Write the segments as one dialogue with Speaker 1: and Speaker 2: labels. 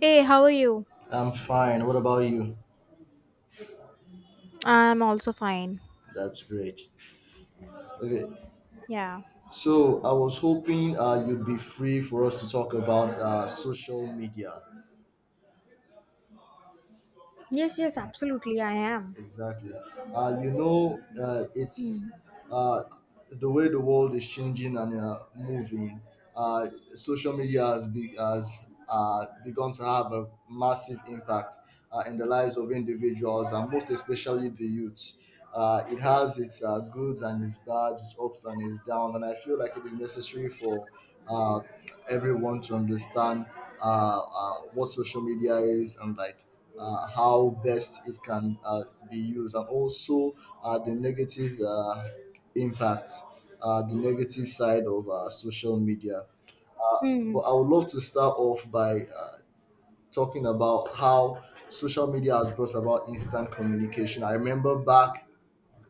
Speaker 1: Hey, how are you?
Speaker 2: I'm fine. What about you?
Speaker 1: I'm also fine.
Speaker 2: That's great. Okay,
Speaker 1: Yeah.
Speaker 2: so I was hoping you'd be free for us to talk about social media.
Speaker 1: Yes, yes, absolutely, I am.
Speaker 2: Exactly. You know, it's
Speaker 1: Hmm.
Speaker 2: uh, the way the world is changing and moving. Uh, Social media has begun to have a massive impact in the lives of individuals and most especially the youth. It has its goods and its bads, its ups and its downs, and I feel like it is necessary for uh, everyone to understand what social media is and like how best it can be used and also the negative impact the negative side of social media but
Speaker 1: Hmm.
Speaker 2: I would love to start off by talking about how social media has brought about instant communication. I remember back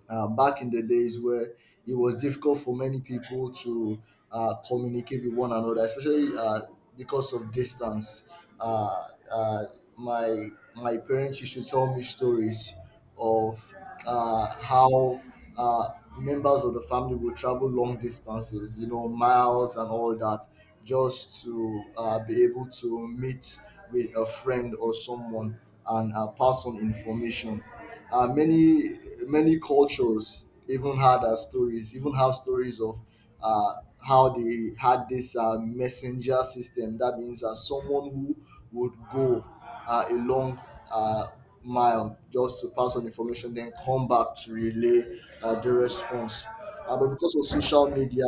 Speaker 2: back in the days where it was difficult for many people to communicate with one another, especially because of distance. Uh, uh, my my parents used to tell me stories of how uh, members of the family would travel long distances, miles and all that, just to be able to meet with a friend or someone and pass on information. Many many cultures even have stories of uh, how they had this messenger system. That means someone who would go a long uh, mile just to pass on information then come back to relay the response. But because of social media,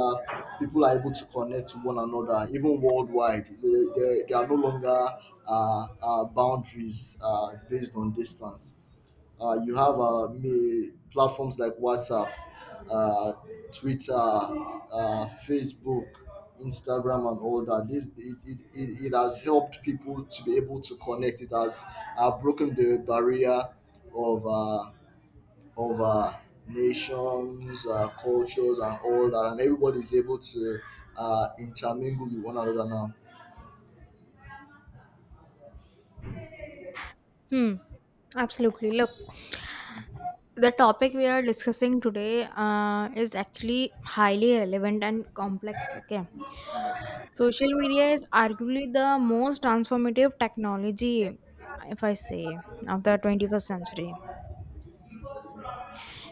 Speaker 2: people are able to connect with one another even worldwide. So, there are no longer boundaries based on distance. You have me platforms like WhatsApp, uh, Twitter, Facebook, Instagram, and all that. This it, it, it, It has helped people to be able to connect. It has broken the barrier of uh, of nations, cultures, and all that, and everybody is able to intermingle with one another now.
Speaker 1: Hmm. Absolutely. Look, the topic we are discussing today is actually highly relevant and complex. Okay. Social media is arguably the most transformative technology, if I say, of the 21st century.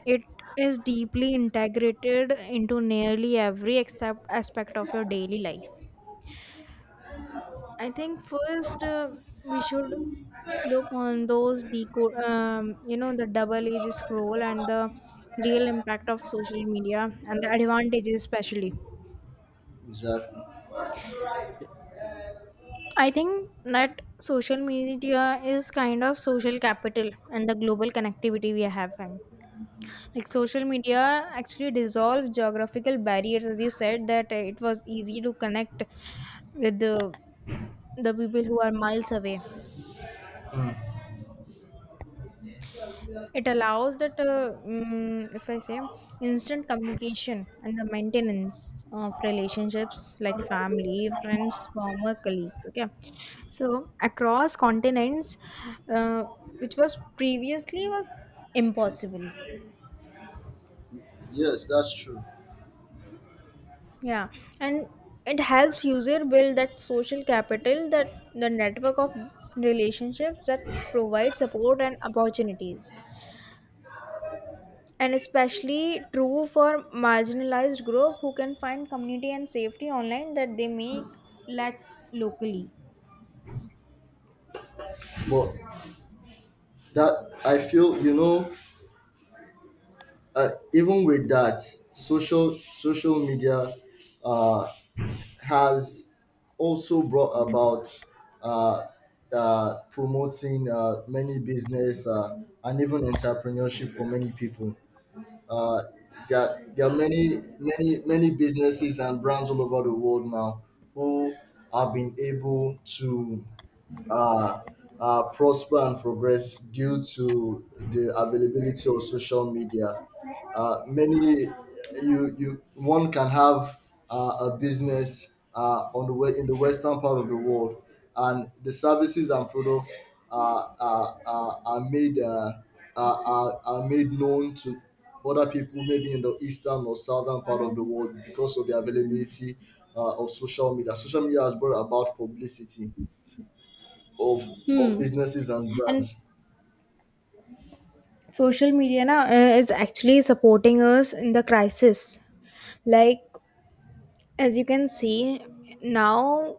Speaker 1: It is deeply integrated into nearly every except aspect of your daily life. I think first we should look on those decode, you know, the double-edged scroll and the real impact of social media and the advantages, especially.
Speaker 2: Exactly.
Speaker 1: I think that social media is kind of social capital and the global connectivity we are having. Like social media actually dissolved geographical barriers, as you said, that it was easy to connect with the people who are miles away. It allows that, if I say, instant communication and the maintenance of relationships like family, friends, former colleagues. Okay, so across continents, uh, which was previously was impossible.
Speaker 2: Yes, that's true.
Speaker 1: Yeah, and it helps user build that social capital, that the network of relationships that provide support and opportunities, and especially true for marginalized group who can find community and safety online that they may lack locally.
Speaker 2: But that I feel, you know, even with that, social media uh, has also brought about uh, promoting many business and even entrepreneurship for many people. Uh, there are many businesses and brands all over the world now who have been able to uh, prosper and progress due to the availability of social media. Many you you one can have a business on the way in the western part of the world, and the services and products are made are made known to other people maybe in the eastern or southern part of the world because of the availability of social media. Social media has brought about publicity of of businesses and
Speaker 1: And
Speaker 2: brands.
Speaker 1: social media now is actually supporting us in the crisis, like as you can see now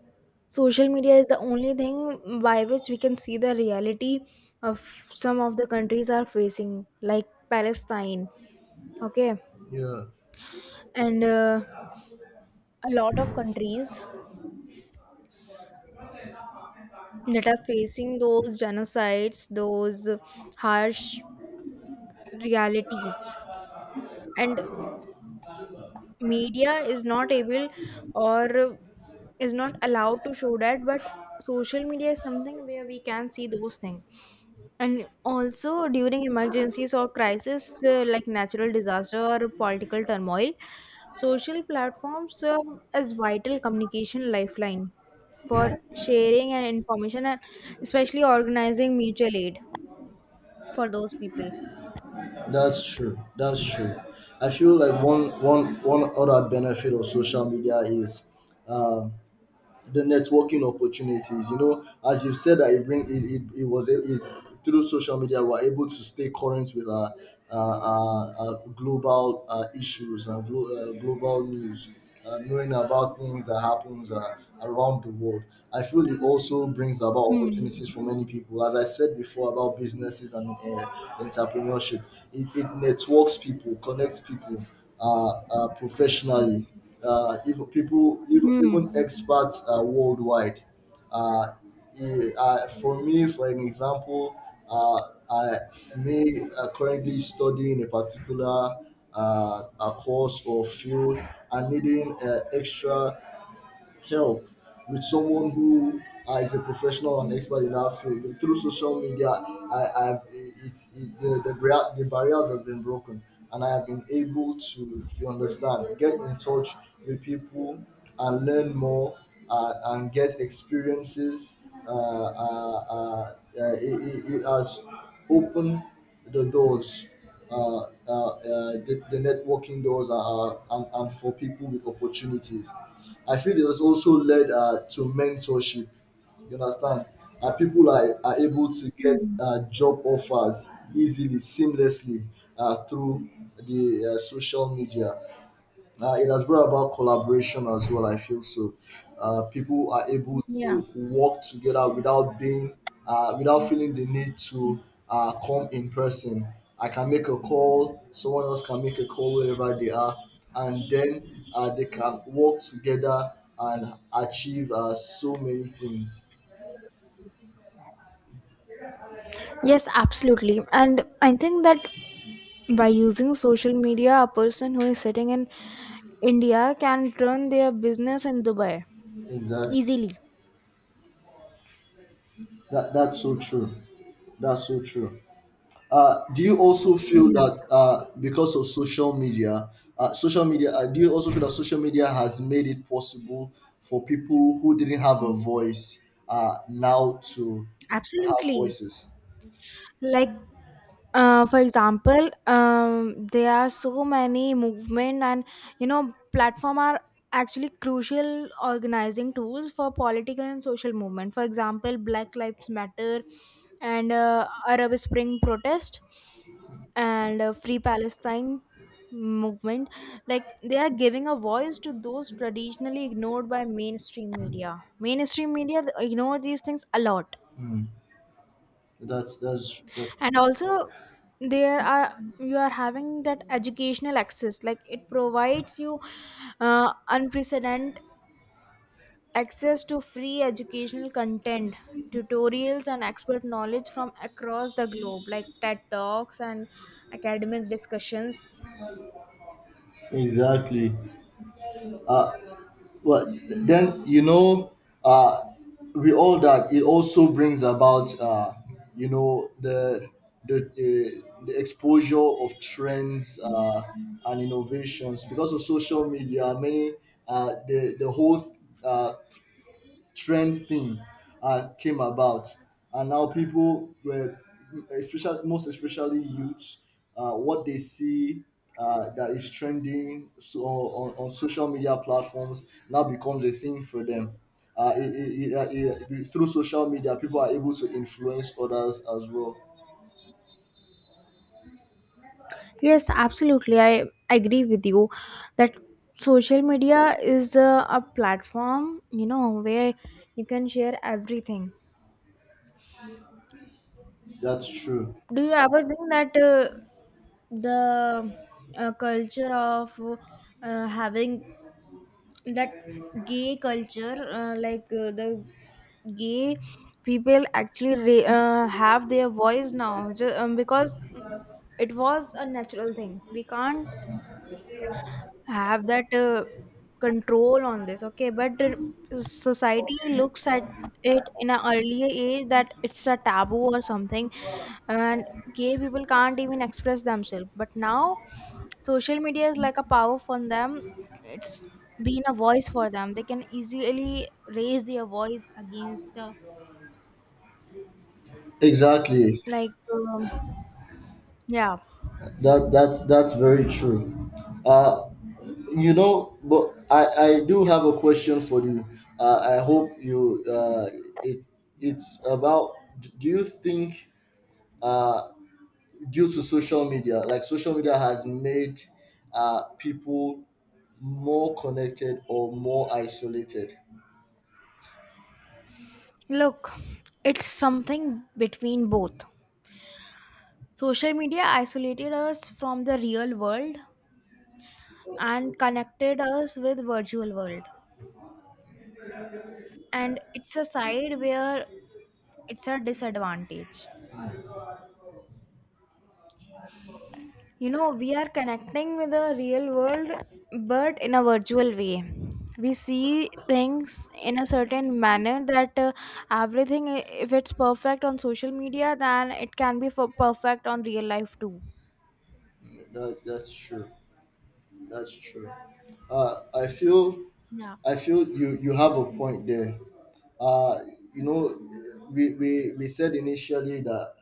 Speaker 1: social media is the only thing by which we can see the reality of some of the countries are facing, like Palestine. Okay.
Speaker 2: Yeah,
Speaker 1: And a lot of countries that are facing those genocides, those harsh realities. And media is not able or is not allowed to show that, but social media is something where we can see those things. And also during emergencies or crisis like natural disaster or political turmoil, social platforms serve as vital communication lifeline for sharing and information and especially organizing mutual aid for those people.
Speaker 2: that's true. That's true. I feel like one other benefit of social media is. Uh, the networking opportunities. You know, as you've said that it bring it, it, it was a- it, through social media we're able to stay current with our global issues and global news, knowing about things that happens around the world. I feel it also brings about opportunities for
Speaker 1: Hmm.
Speaker 2: many people. As I said before about businesses and entrepreneurship, it networks people, connects people professionally even people
Speaker 1: Hmm.
Speaker 2: even experts worldwide. Uh, for me, for an example, I may currently study in a particular a course or field and needing extra help with someone who is a professional and expert in that field. Through social media, I I've it's it, the barriers have been broken and I have been able to you understand get in touch with people and learn more and get experiences it has opened the doors the networking doors and for people with opportunities. I feel it has also led to mentorship. You understand? People are able to get
Speaker 1: Hmm.
Speaker 2: job offers easily, seamlessly through the social media. It has brought about collaboration as well. I feel so. People are able
Speaker 1: Yeah.
Speaker 2: to work together without being, without feeling the need to come in person. I can make a call. Someone else can make a call wherever they are, and then they can work together and achieve so many things.
Speaker 1: Yes, absolutely. And I think that by using social media, a person who is sitting in India can run their business in Dubai
Speaker 2: Exactly.
Speaker 1: easily.
Speaker 2: That that's so true. That's so true. Do you also feel
Speaker 1: Yeah.
Speaker 2: that because of social media, do you also feel that social media has made it possible for people who didn't have a voice now to have
Speaker 1: Absolutely.
Speaker 2: voices?
Speaker 1: Like for example, there are so many movement and you know platform are actually crucial organizing tools for political and social movement, for example Black Lives Matter and Arab Spring protest and Free Palestine movement, like they are giving a voice to those traditionally ignored by mainstream media. Mainstream media ignore these things a lot.
Speaker 2: That's
Speaker 1: And also there are, you are having that educational access, like it provides you unprecedented access to free educational content, tutorials and expert knowledge from across the globe, like TED Talks and academic discussions.
Speaker 2: exactly. Well then, you know, uh with all that, it also brings about you know the the exposure of trends and innovations. Because of social media, many the whole uh trend thing came about, and now people were, especially most especially youths, what they see that is trending on social media platforms now becomes a thing for them. Through social media, people are able to influence others as well.
Speaker 1: Yes, absolutely, I agree with you that social media is a platform, you know, where you can share everything.
Speaker 2: That's true.
Speaker 1: Do you ever think that the culture of having that gay culture, like the gay people actually have their voice now, just, because it was a natural thing, we can't have that control on this. Okay, but the society looks at it in an earlier age that it's a taboo or something, and gay people can't even express themselves, but now social media is like a power for them. It's been a voice for them, they can easily raise their voice against the,
Speaker 2: Exactly.
Speaker 1: like yeah.
Speaker 2: That that's very true. Uh, You know, but I do have a question for you. I hope you it it's about, do you think uh, due to social media, like social media has made people more connected or more isolated?
Speaker 1: Look, it's something between both. Social media isolated us from the real world and connected us with virtual world, and it's a side where it's a disadvantage. You know, we are connecting with the real world, but in a virtual way. We see things in a certain manner that everything, if it's perfect on social media, then it can be for perfect on real life too.
Speaker 2: That, that's true. That's true. Uh, I feel
Speaker 1: Yeah.
Speaker 2: I feel you you have a point there. Uh, you know, we said initially that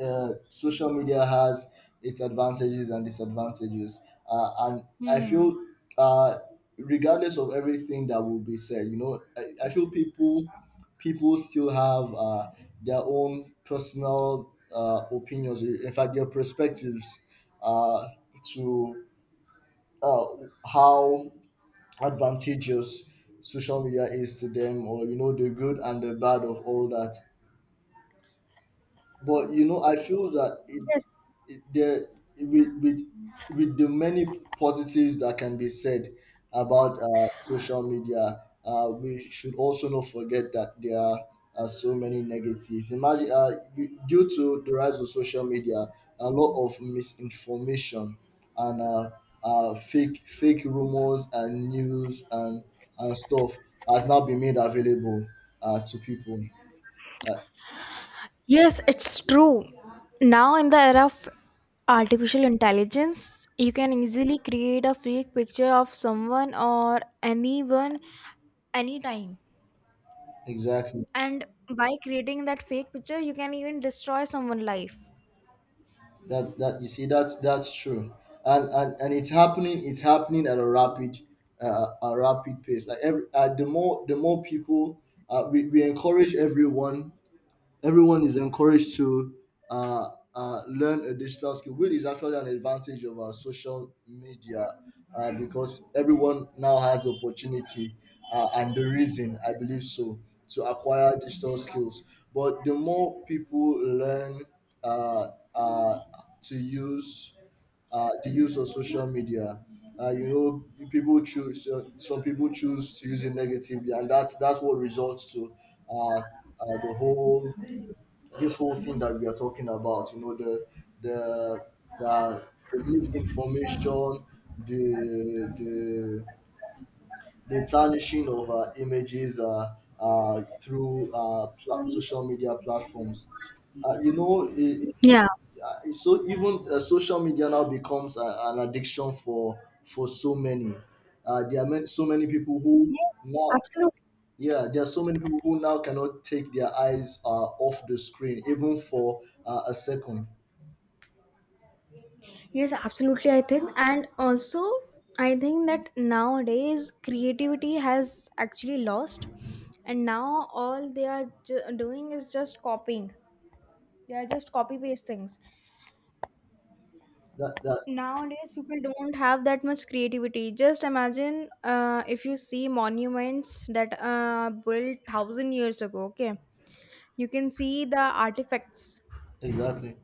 Speaker 2: social media has its advantages and disadvantages. And I
Speaker 1: Hmm.
Speaker 2: feel, uh, regardless of everything that will be said, you know, I feel people still have their own personal opinions. In fact, their perspectives uh, to uh, how advantageous social media is to them, or you know, the good and the bad of all that. But you know, I feel that it,
Speaker 1: Yes.
Speaker 2: it there with, with with the many positives that can be said about social media, we should also not forget that there are so many negatives. Imagine due to the rise of social media, a lot of misinformation and fake rumors and news and stuff has now been made available to people. Uh,
Speaker 1: Yes, it's true. Now, in the era of artificial intelligence, you can easily create a fake picture of someone or anyone anytime.
Speaker 2: exactly.
Speaker 1: And by creating that fake picture, you can even destroy someone's life.
Speaker 2: That that's true, and it's happening. It's happening at a rapid pace. Like every the more people, we encourage everyone is encouraged to uh, learn a digital skill, which is actually an advantage of our social media because everyone now has the opportunity and the reason, I believe so, to acquire digital skills. But the more people learn uh, uh, to use the use of social media. You know, people choose some people choose to use it negatively, and that's what results to uh, uh, the whole this whole thing that we are talking about, you know, the the, the misinformation, the the the tarnishing of images through social media platforms. uh, you know it, it,
Speaker 1: Yeah.
Speaker 2: it's so. Even social media now becomes a, an addiction for so many. There are many, so many people who
Speaker 1: Yeah,
Speaker 2: now,
Speaker 1: absolutely.
Speaker 2: yeah, there are so many people who now cannot take their eyes off the screen, even for a second.
Speaker 1: Yes, absolutely. I think, and also, I think that nowadays creativity has actually lost, and now all they are doing is just copying. They are just copy paste things.
Speaker 2: That that
Speaker 1: Nowadays, people don't have that much creativity. Just imagine if you see monuments that built thousand years ago. Okay, you can see the artifacts.
Speaker 2: exactly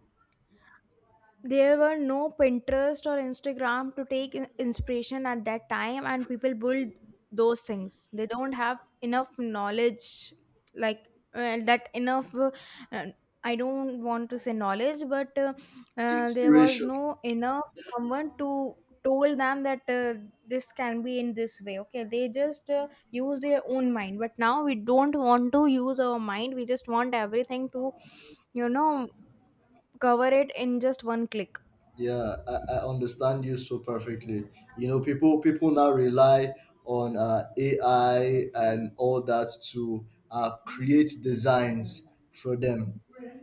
Speaker 1: There were no Pinterest or Instagram to take inspiration at that time, and people build those things. They don't have enough knowledge, like that enough uh, I don't want to say knowledge, but there was
Speaker 2: inspiration.
Speaker 1: no enough someone to told them that this can be in this way. Okay, they just use their own mind, but now we don't want to use our mind. We just want everything to, you know, cover it in just one click.
Speaker 2: Yeah, I understand you so perfectly. You know, people now rely on AI and all that to create designs for them,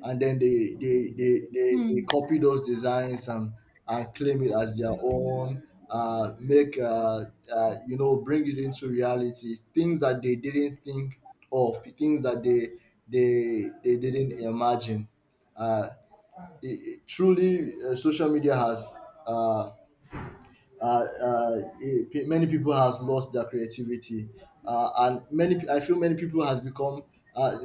Speaker 2: and then they copy those designs and claim it as their own. Make you know, bring it into reality. Things that they didn't think of, things that they didn't imagine. Uh, truly social media has uh, many people has lost their creativity and many pe- I feel many people has become uh,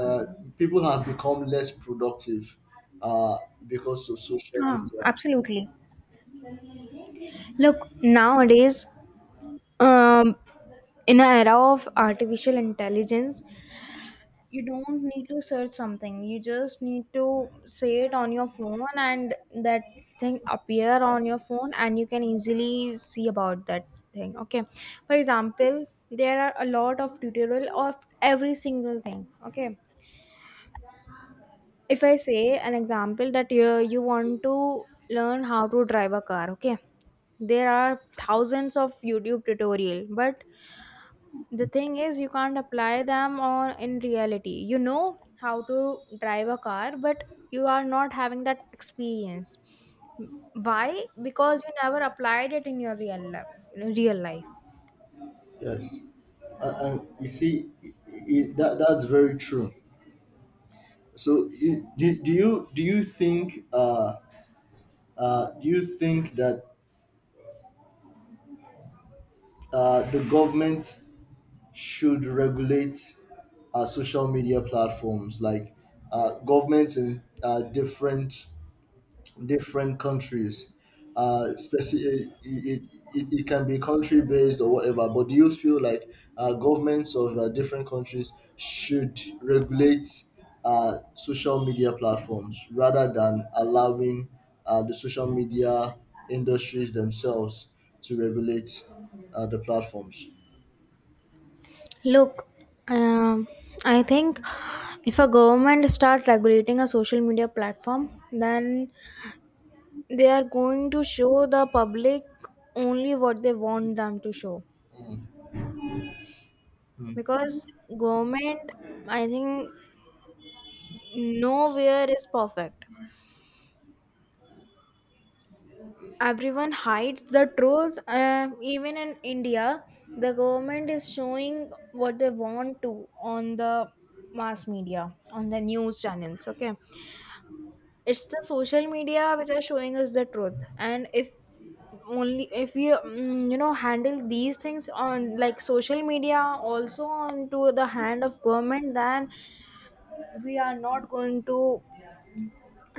Speaker 2: uh, people have become less productive uh, because of social
Speaker 1: Ah,
Speaker 2: media.
Speaker 1: absolutely. Look, nowadays, um, in an era of artificial intelligence, you don't need to search something. You just need to say it on your phone, and that thing appear on your phone, and you can easily see about that thing. Okay. For example, there are a lot of tutorial of every single thing. Okay. If I say an example that you want to learn how to drive a car, okay? There are thousands of YouTube tutorial, but the thing is you can't apply them on in reality. You know how to drive a car, but you are not having that experience. Why? Because you never applied it in your real life. Real life.
Speaker 2: Yes, and you see that that's very true. So I- do, do you think do you think that the government should regulate social media platforms, like governments in different countries, speci- it can be country based or whatever. But do you feel like governments of different countries should regulate social media platforms rather than allowing the social media industries themselves to regulate the platforms?
Speaker 1: Look, um, I think if a government start regulating a social media platform, then they are going to show the public only what they want them to show, because government, I think, nowhere is perfect. Everyone hides the truth, even in India. The government is showing what they want to on the mass media, on the news channels. Okay, it's the social media which are showing us the truth. And if, only if we you know, handle these things on, like social media also onto the hand of government, then we are not going to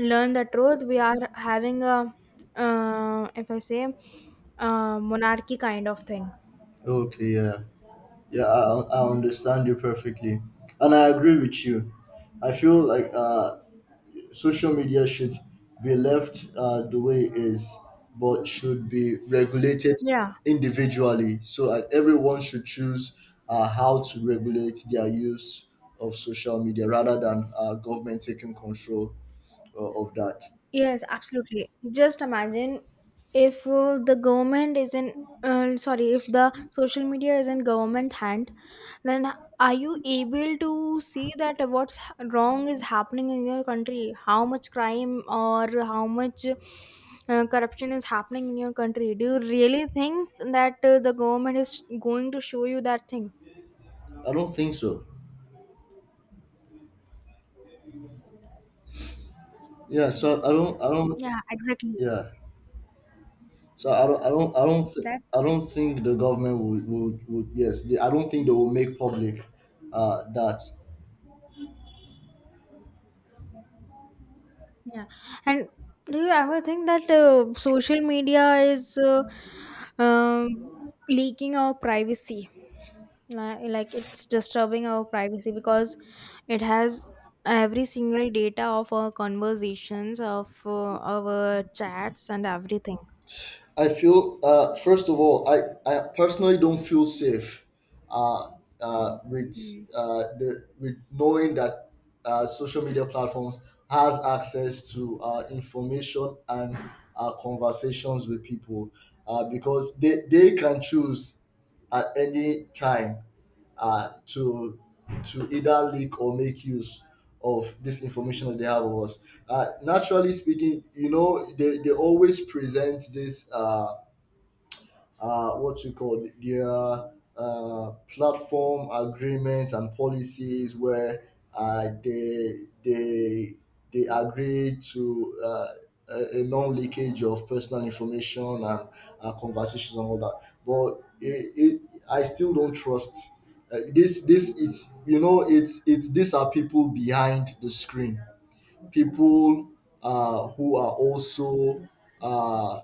Speaker 1: learn the truth. We are having a, if I say, monarchy kind of thing.
Speaker 2: Okay, yeah. Yeah, I understand you perfectly. And I agree with you. I feel like social media should be left the way it is, but should be regulated
Speaker 1: Yeah.
Speaker 2: individually. So everyone should choose how to regulate their use of social media rather than government taking control of that.
Speaker 1: Yes, absolutely. Just imagine if the government is in, sorry, if the social media is in government hand, then are you able to see that what's wrong is happening in your country? How much crime or how much corruption is happening in your country? Do you really think that the government is going to show you that thing?
Speaker 2: I don't think so. Yeah, so I don't,
Speaker 1: Yeah, exactly.
Speaker 2: yeah. So I don't,
Speaker 1: That's
Speaker 2: I
Speaker 1: why.
Speaker 2: don't think the government would, yes, they, I don't think they will make public that.
Speaker 1: Yeah. And do you ever think that social media is, um, leaking our privacy? Like it's disturbing our privacy, because it has every single data of our conversations, of our chats, and everything.
Speaker 2: I feel, first of all, I personally don't feel safe uh, with the with knowing that social media platforms has access to information and conversations with people because they can choose at any time uh, to to either leak or make use of this information that they have of us. Naturally speaking, they always present this what you call their platform agreements and policies where uh, they they they agree to a non-leakage of personal information and conversations and all that. But I still don't trust. This, it's you know it's these are people behind the screen, people uh, who are also uh,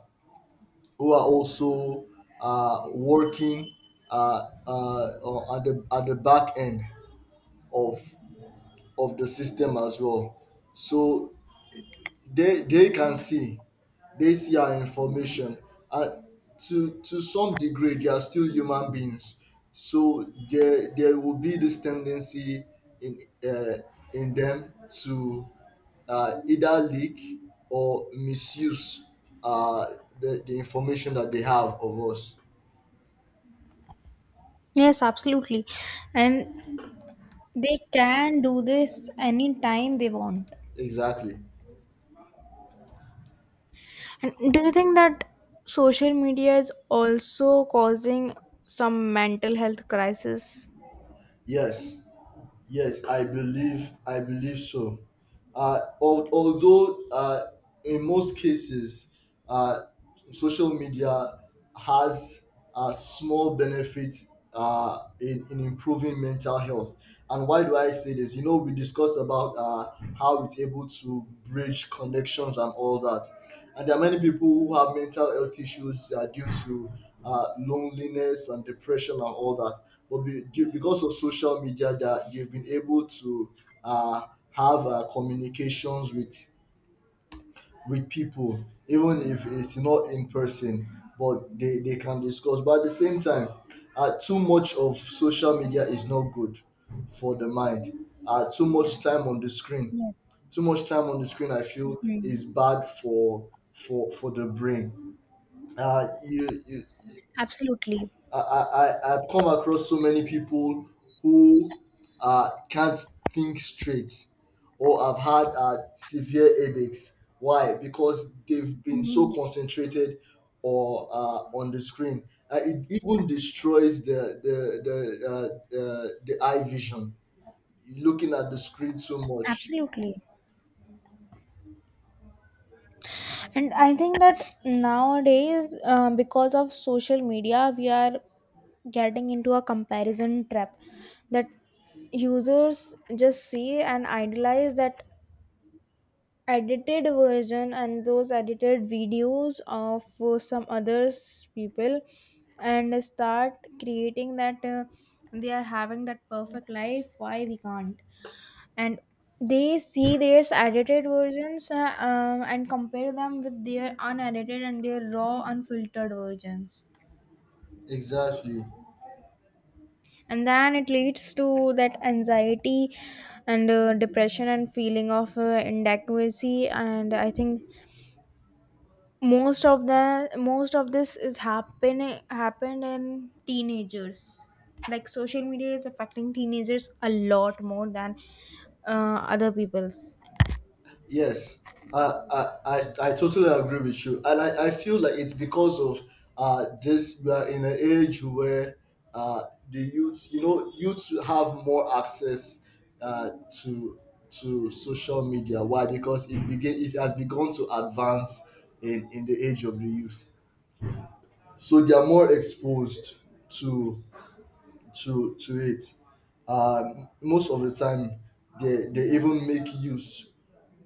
Speaker 2: who are also working at the back end of of the system as well. So they can see, they see our information, and to some degree they are still human beings. So there will be this tendency in uh, in them to either leak or misuse uh, the information that they have of us.
Speaker 1: Yes, absolutely. And they can do this anytime they want.
Speaker 2: Exactly.
Speaker 1: And do you think that social media is also causing some mental health crisis?
Speaker 2: Yes. Yes, I believe so. Although in most cases, uh, social media has a small benefit in improving mental health. And why do I say this? You know, we discussed about how it's able to bridge connections and all that. And there are many people who have mental health issues due to loneliness and depression and all that. But because of social media, that they've been able to uh, have communications with people, even if it's not in person, but they can discuss. But at the same time, too much of social media is not good for the mind. Too much time on the screen, too much time on the screen I feel
Speaker 1: Hmm.
Speaker 2: is bad for for the brain. You, you
Speaker 1: Absolutely.
Speaker 2: I've come across so many people who can't think straight or have had severe headaches. Why? Because they've been so
Speaker 1: Mhm.
Speaker 2: concentrated or on the screen. It even destroys the eye vision, looking at the screen so much.
Speaker 1: Absolutely. And I think that nowadays, because of social media, we are getting into a comparison trap, that users just see and idealize that edited version and those edited videos of some others people, and start creating that they are having that perfect life, why we can't. And they see their edited versions, and compare them with their unedited and their raw unfiltered versions,
Speaker 2: Exactly.
Speaker 1: and then it leads to that anxiety and depression and feeling of inadequacy. And I think most of this is happened in teenagers. Like social media is affecting teenagers a lot more than other people's.
Speaker 2: Yes, I, I totally agree with you. And I feel like it's because of we are in an age where uh, the youth, you know, youths have more access uh, to to social media. Why? Because it has begun to advance in the age of the youth. So they are more exposed to to it. Most of the time, they even make use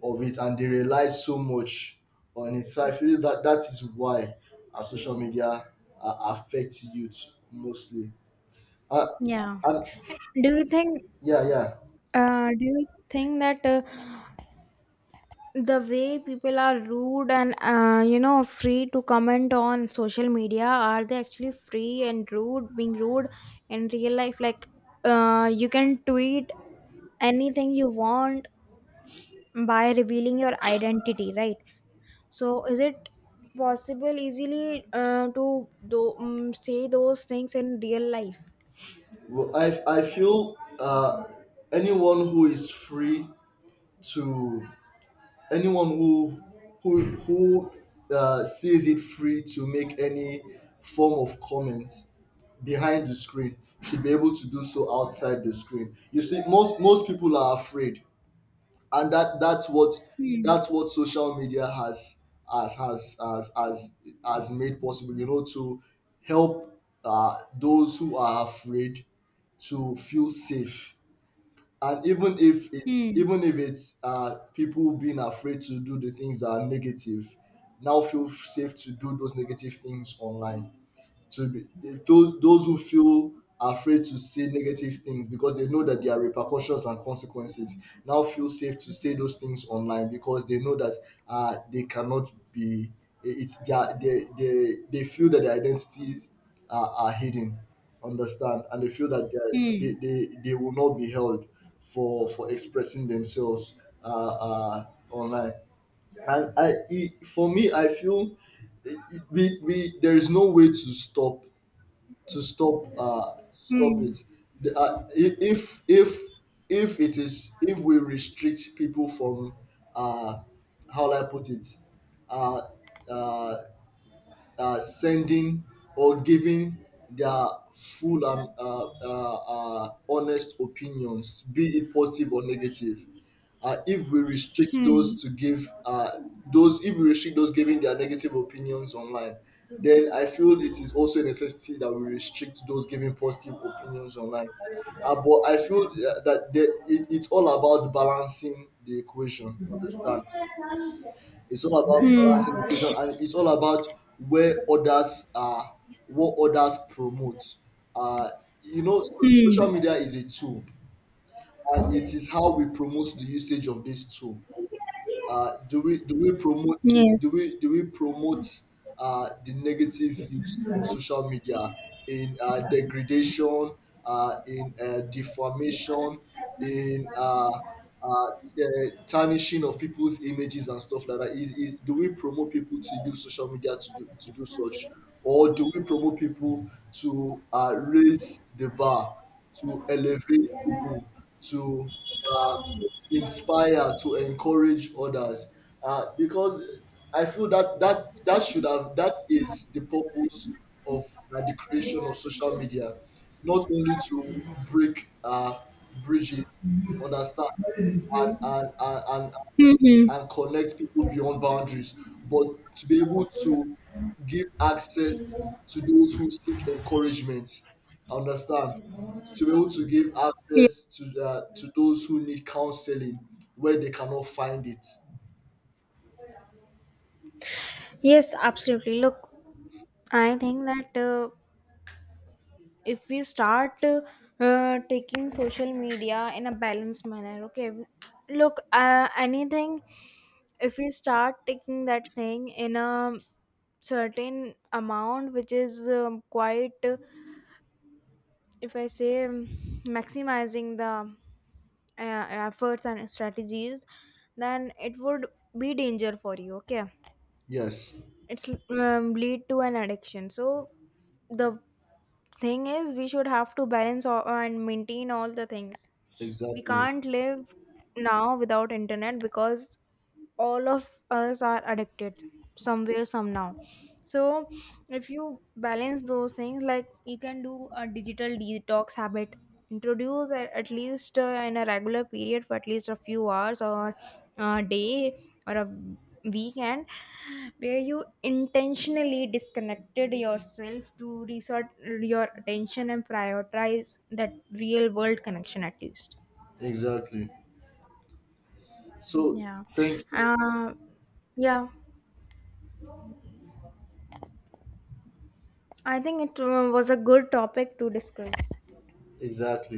Speaker 2: of it and they rely so much on it. So I feel that that is why our social media affects youth mostly. Uh,
Speaker 1: Yeah.
Speaker 2: and
Speaker 1: do you think
Speaker 2: yeah, yeah.
Speaker 1: do you think that the way people are rude and you know, free to comment on social media, are they actually free and rude, being rude in real life? Like you can tweet anything you want by revealing your identity, right? So is it possible easily to do, say those things in real life?
Speaker 2: Well, I feel anyone who is free to anyone who sees it free to make any form of comment behind the screen should be able to do so outside the screen. You see, most people are afraid, and that's what
Speaker 1: Hmm.
Speaker 2: that's what social media has has has has, has made possible, you know, to help those who are afraid to feel safe. And
Speaker 1: Hmm.
Speaker 2: even if it's people being afraid to do the things that are negative now feel safe to do those negative things online. To be those who feel afraid to say negative things because they know that there are repercussions and consequences now feel safe to say those things online because they know that they cannot be, it's their they feel that their identities are hidden. Understand? And they feel that they,
Speaker 1: Hmm.
Speaker 2: they they they will not be held for expressing themselves online. And for me I feel we there is no way to stop stop
Speaker 1: Hmm.
Speaker 2: it. The, I- if If it is, if we restrict people from uh, how will I put it, uh, uh, sending or giving their full and honest opinions, be it positive or negative. If we restrict
Speaker 1: Hmm.
Speaker 2: those to give if we restrict those giving their negative opinions online, then I feel it is also a necessity that we restrict those giving positive opinions online. But I feel that there, it, it's all about balancing the equation. Understand? It's all about
Speaker 1: Hmm.
Speaker 2: balancing the equation, and it's all about where others are, what others promote. Uh, you know,
Speaker 1: Hmm.
Speaker 2: social media is a tool, and it is how we promote the usage of this tool. Do we do we promote it?
Speaker 1: Yes.
Speaker 2: Do we promote the negative use of social media in degradation, in defamation, in tarnishing of people's images and stuff like that? Do we promote people to use social media to to do such, or do we promote people to raise the bar, to elevate people, to uh, inspire, to encourage others? Because I feel that that that should have that is the purpose of the creation of social media, not only to break bridges, understand, and
Speaker 1: Hmm. Hmm.
Speaker 2: and connect people beyond boundaries, but to be able to give access to those who seek encouragement. Understand? To be able to give
Speaker 1: Yeah.
Speaker 2: access to those who need counseling where they cannot find it.
Speaker 1: Yes, absolutely. Look, I think that if we start taking social media in a balanced manner. Okay, look, anything, if we start taking that thing in a certain amount which is quite if I say, maximizing the efforts and strategies, then it would be danger for you. Okay,
Speaker 2: Yes,
Speaker 1: it's, lead to an addiction. So the thing is we should have to balance all, and maintain all the things. We
Speaker 2: exactly,
Speaker 1: can't live now without internet, because all of us are addicted somewhere somehow. So if you balance those things, like you can do a digital detox habit, introduce at least in a regular period for at least a few hours or a day or a weekend, where you intentionally disconnected yourself to resort your attention and prioritize that real world connection at least.
Speaker 2: exactly. So
Speaker 1: Yeah.
Speaker 2: thank you.
Speaker 1: Uh, yeah. I think it was a good topic to discuss.
Speaker 2: Exactly.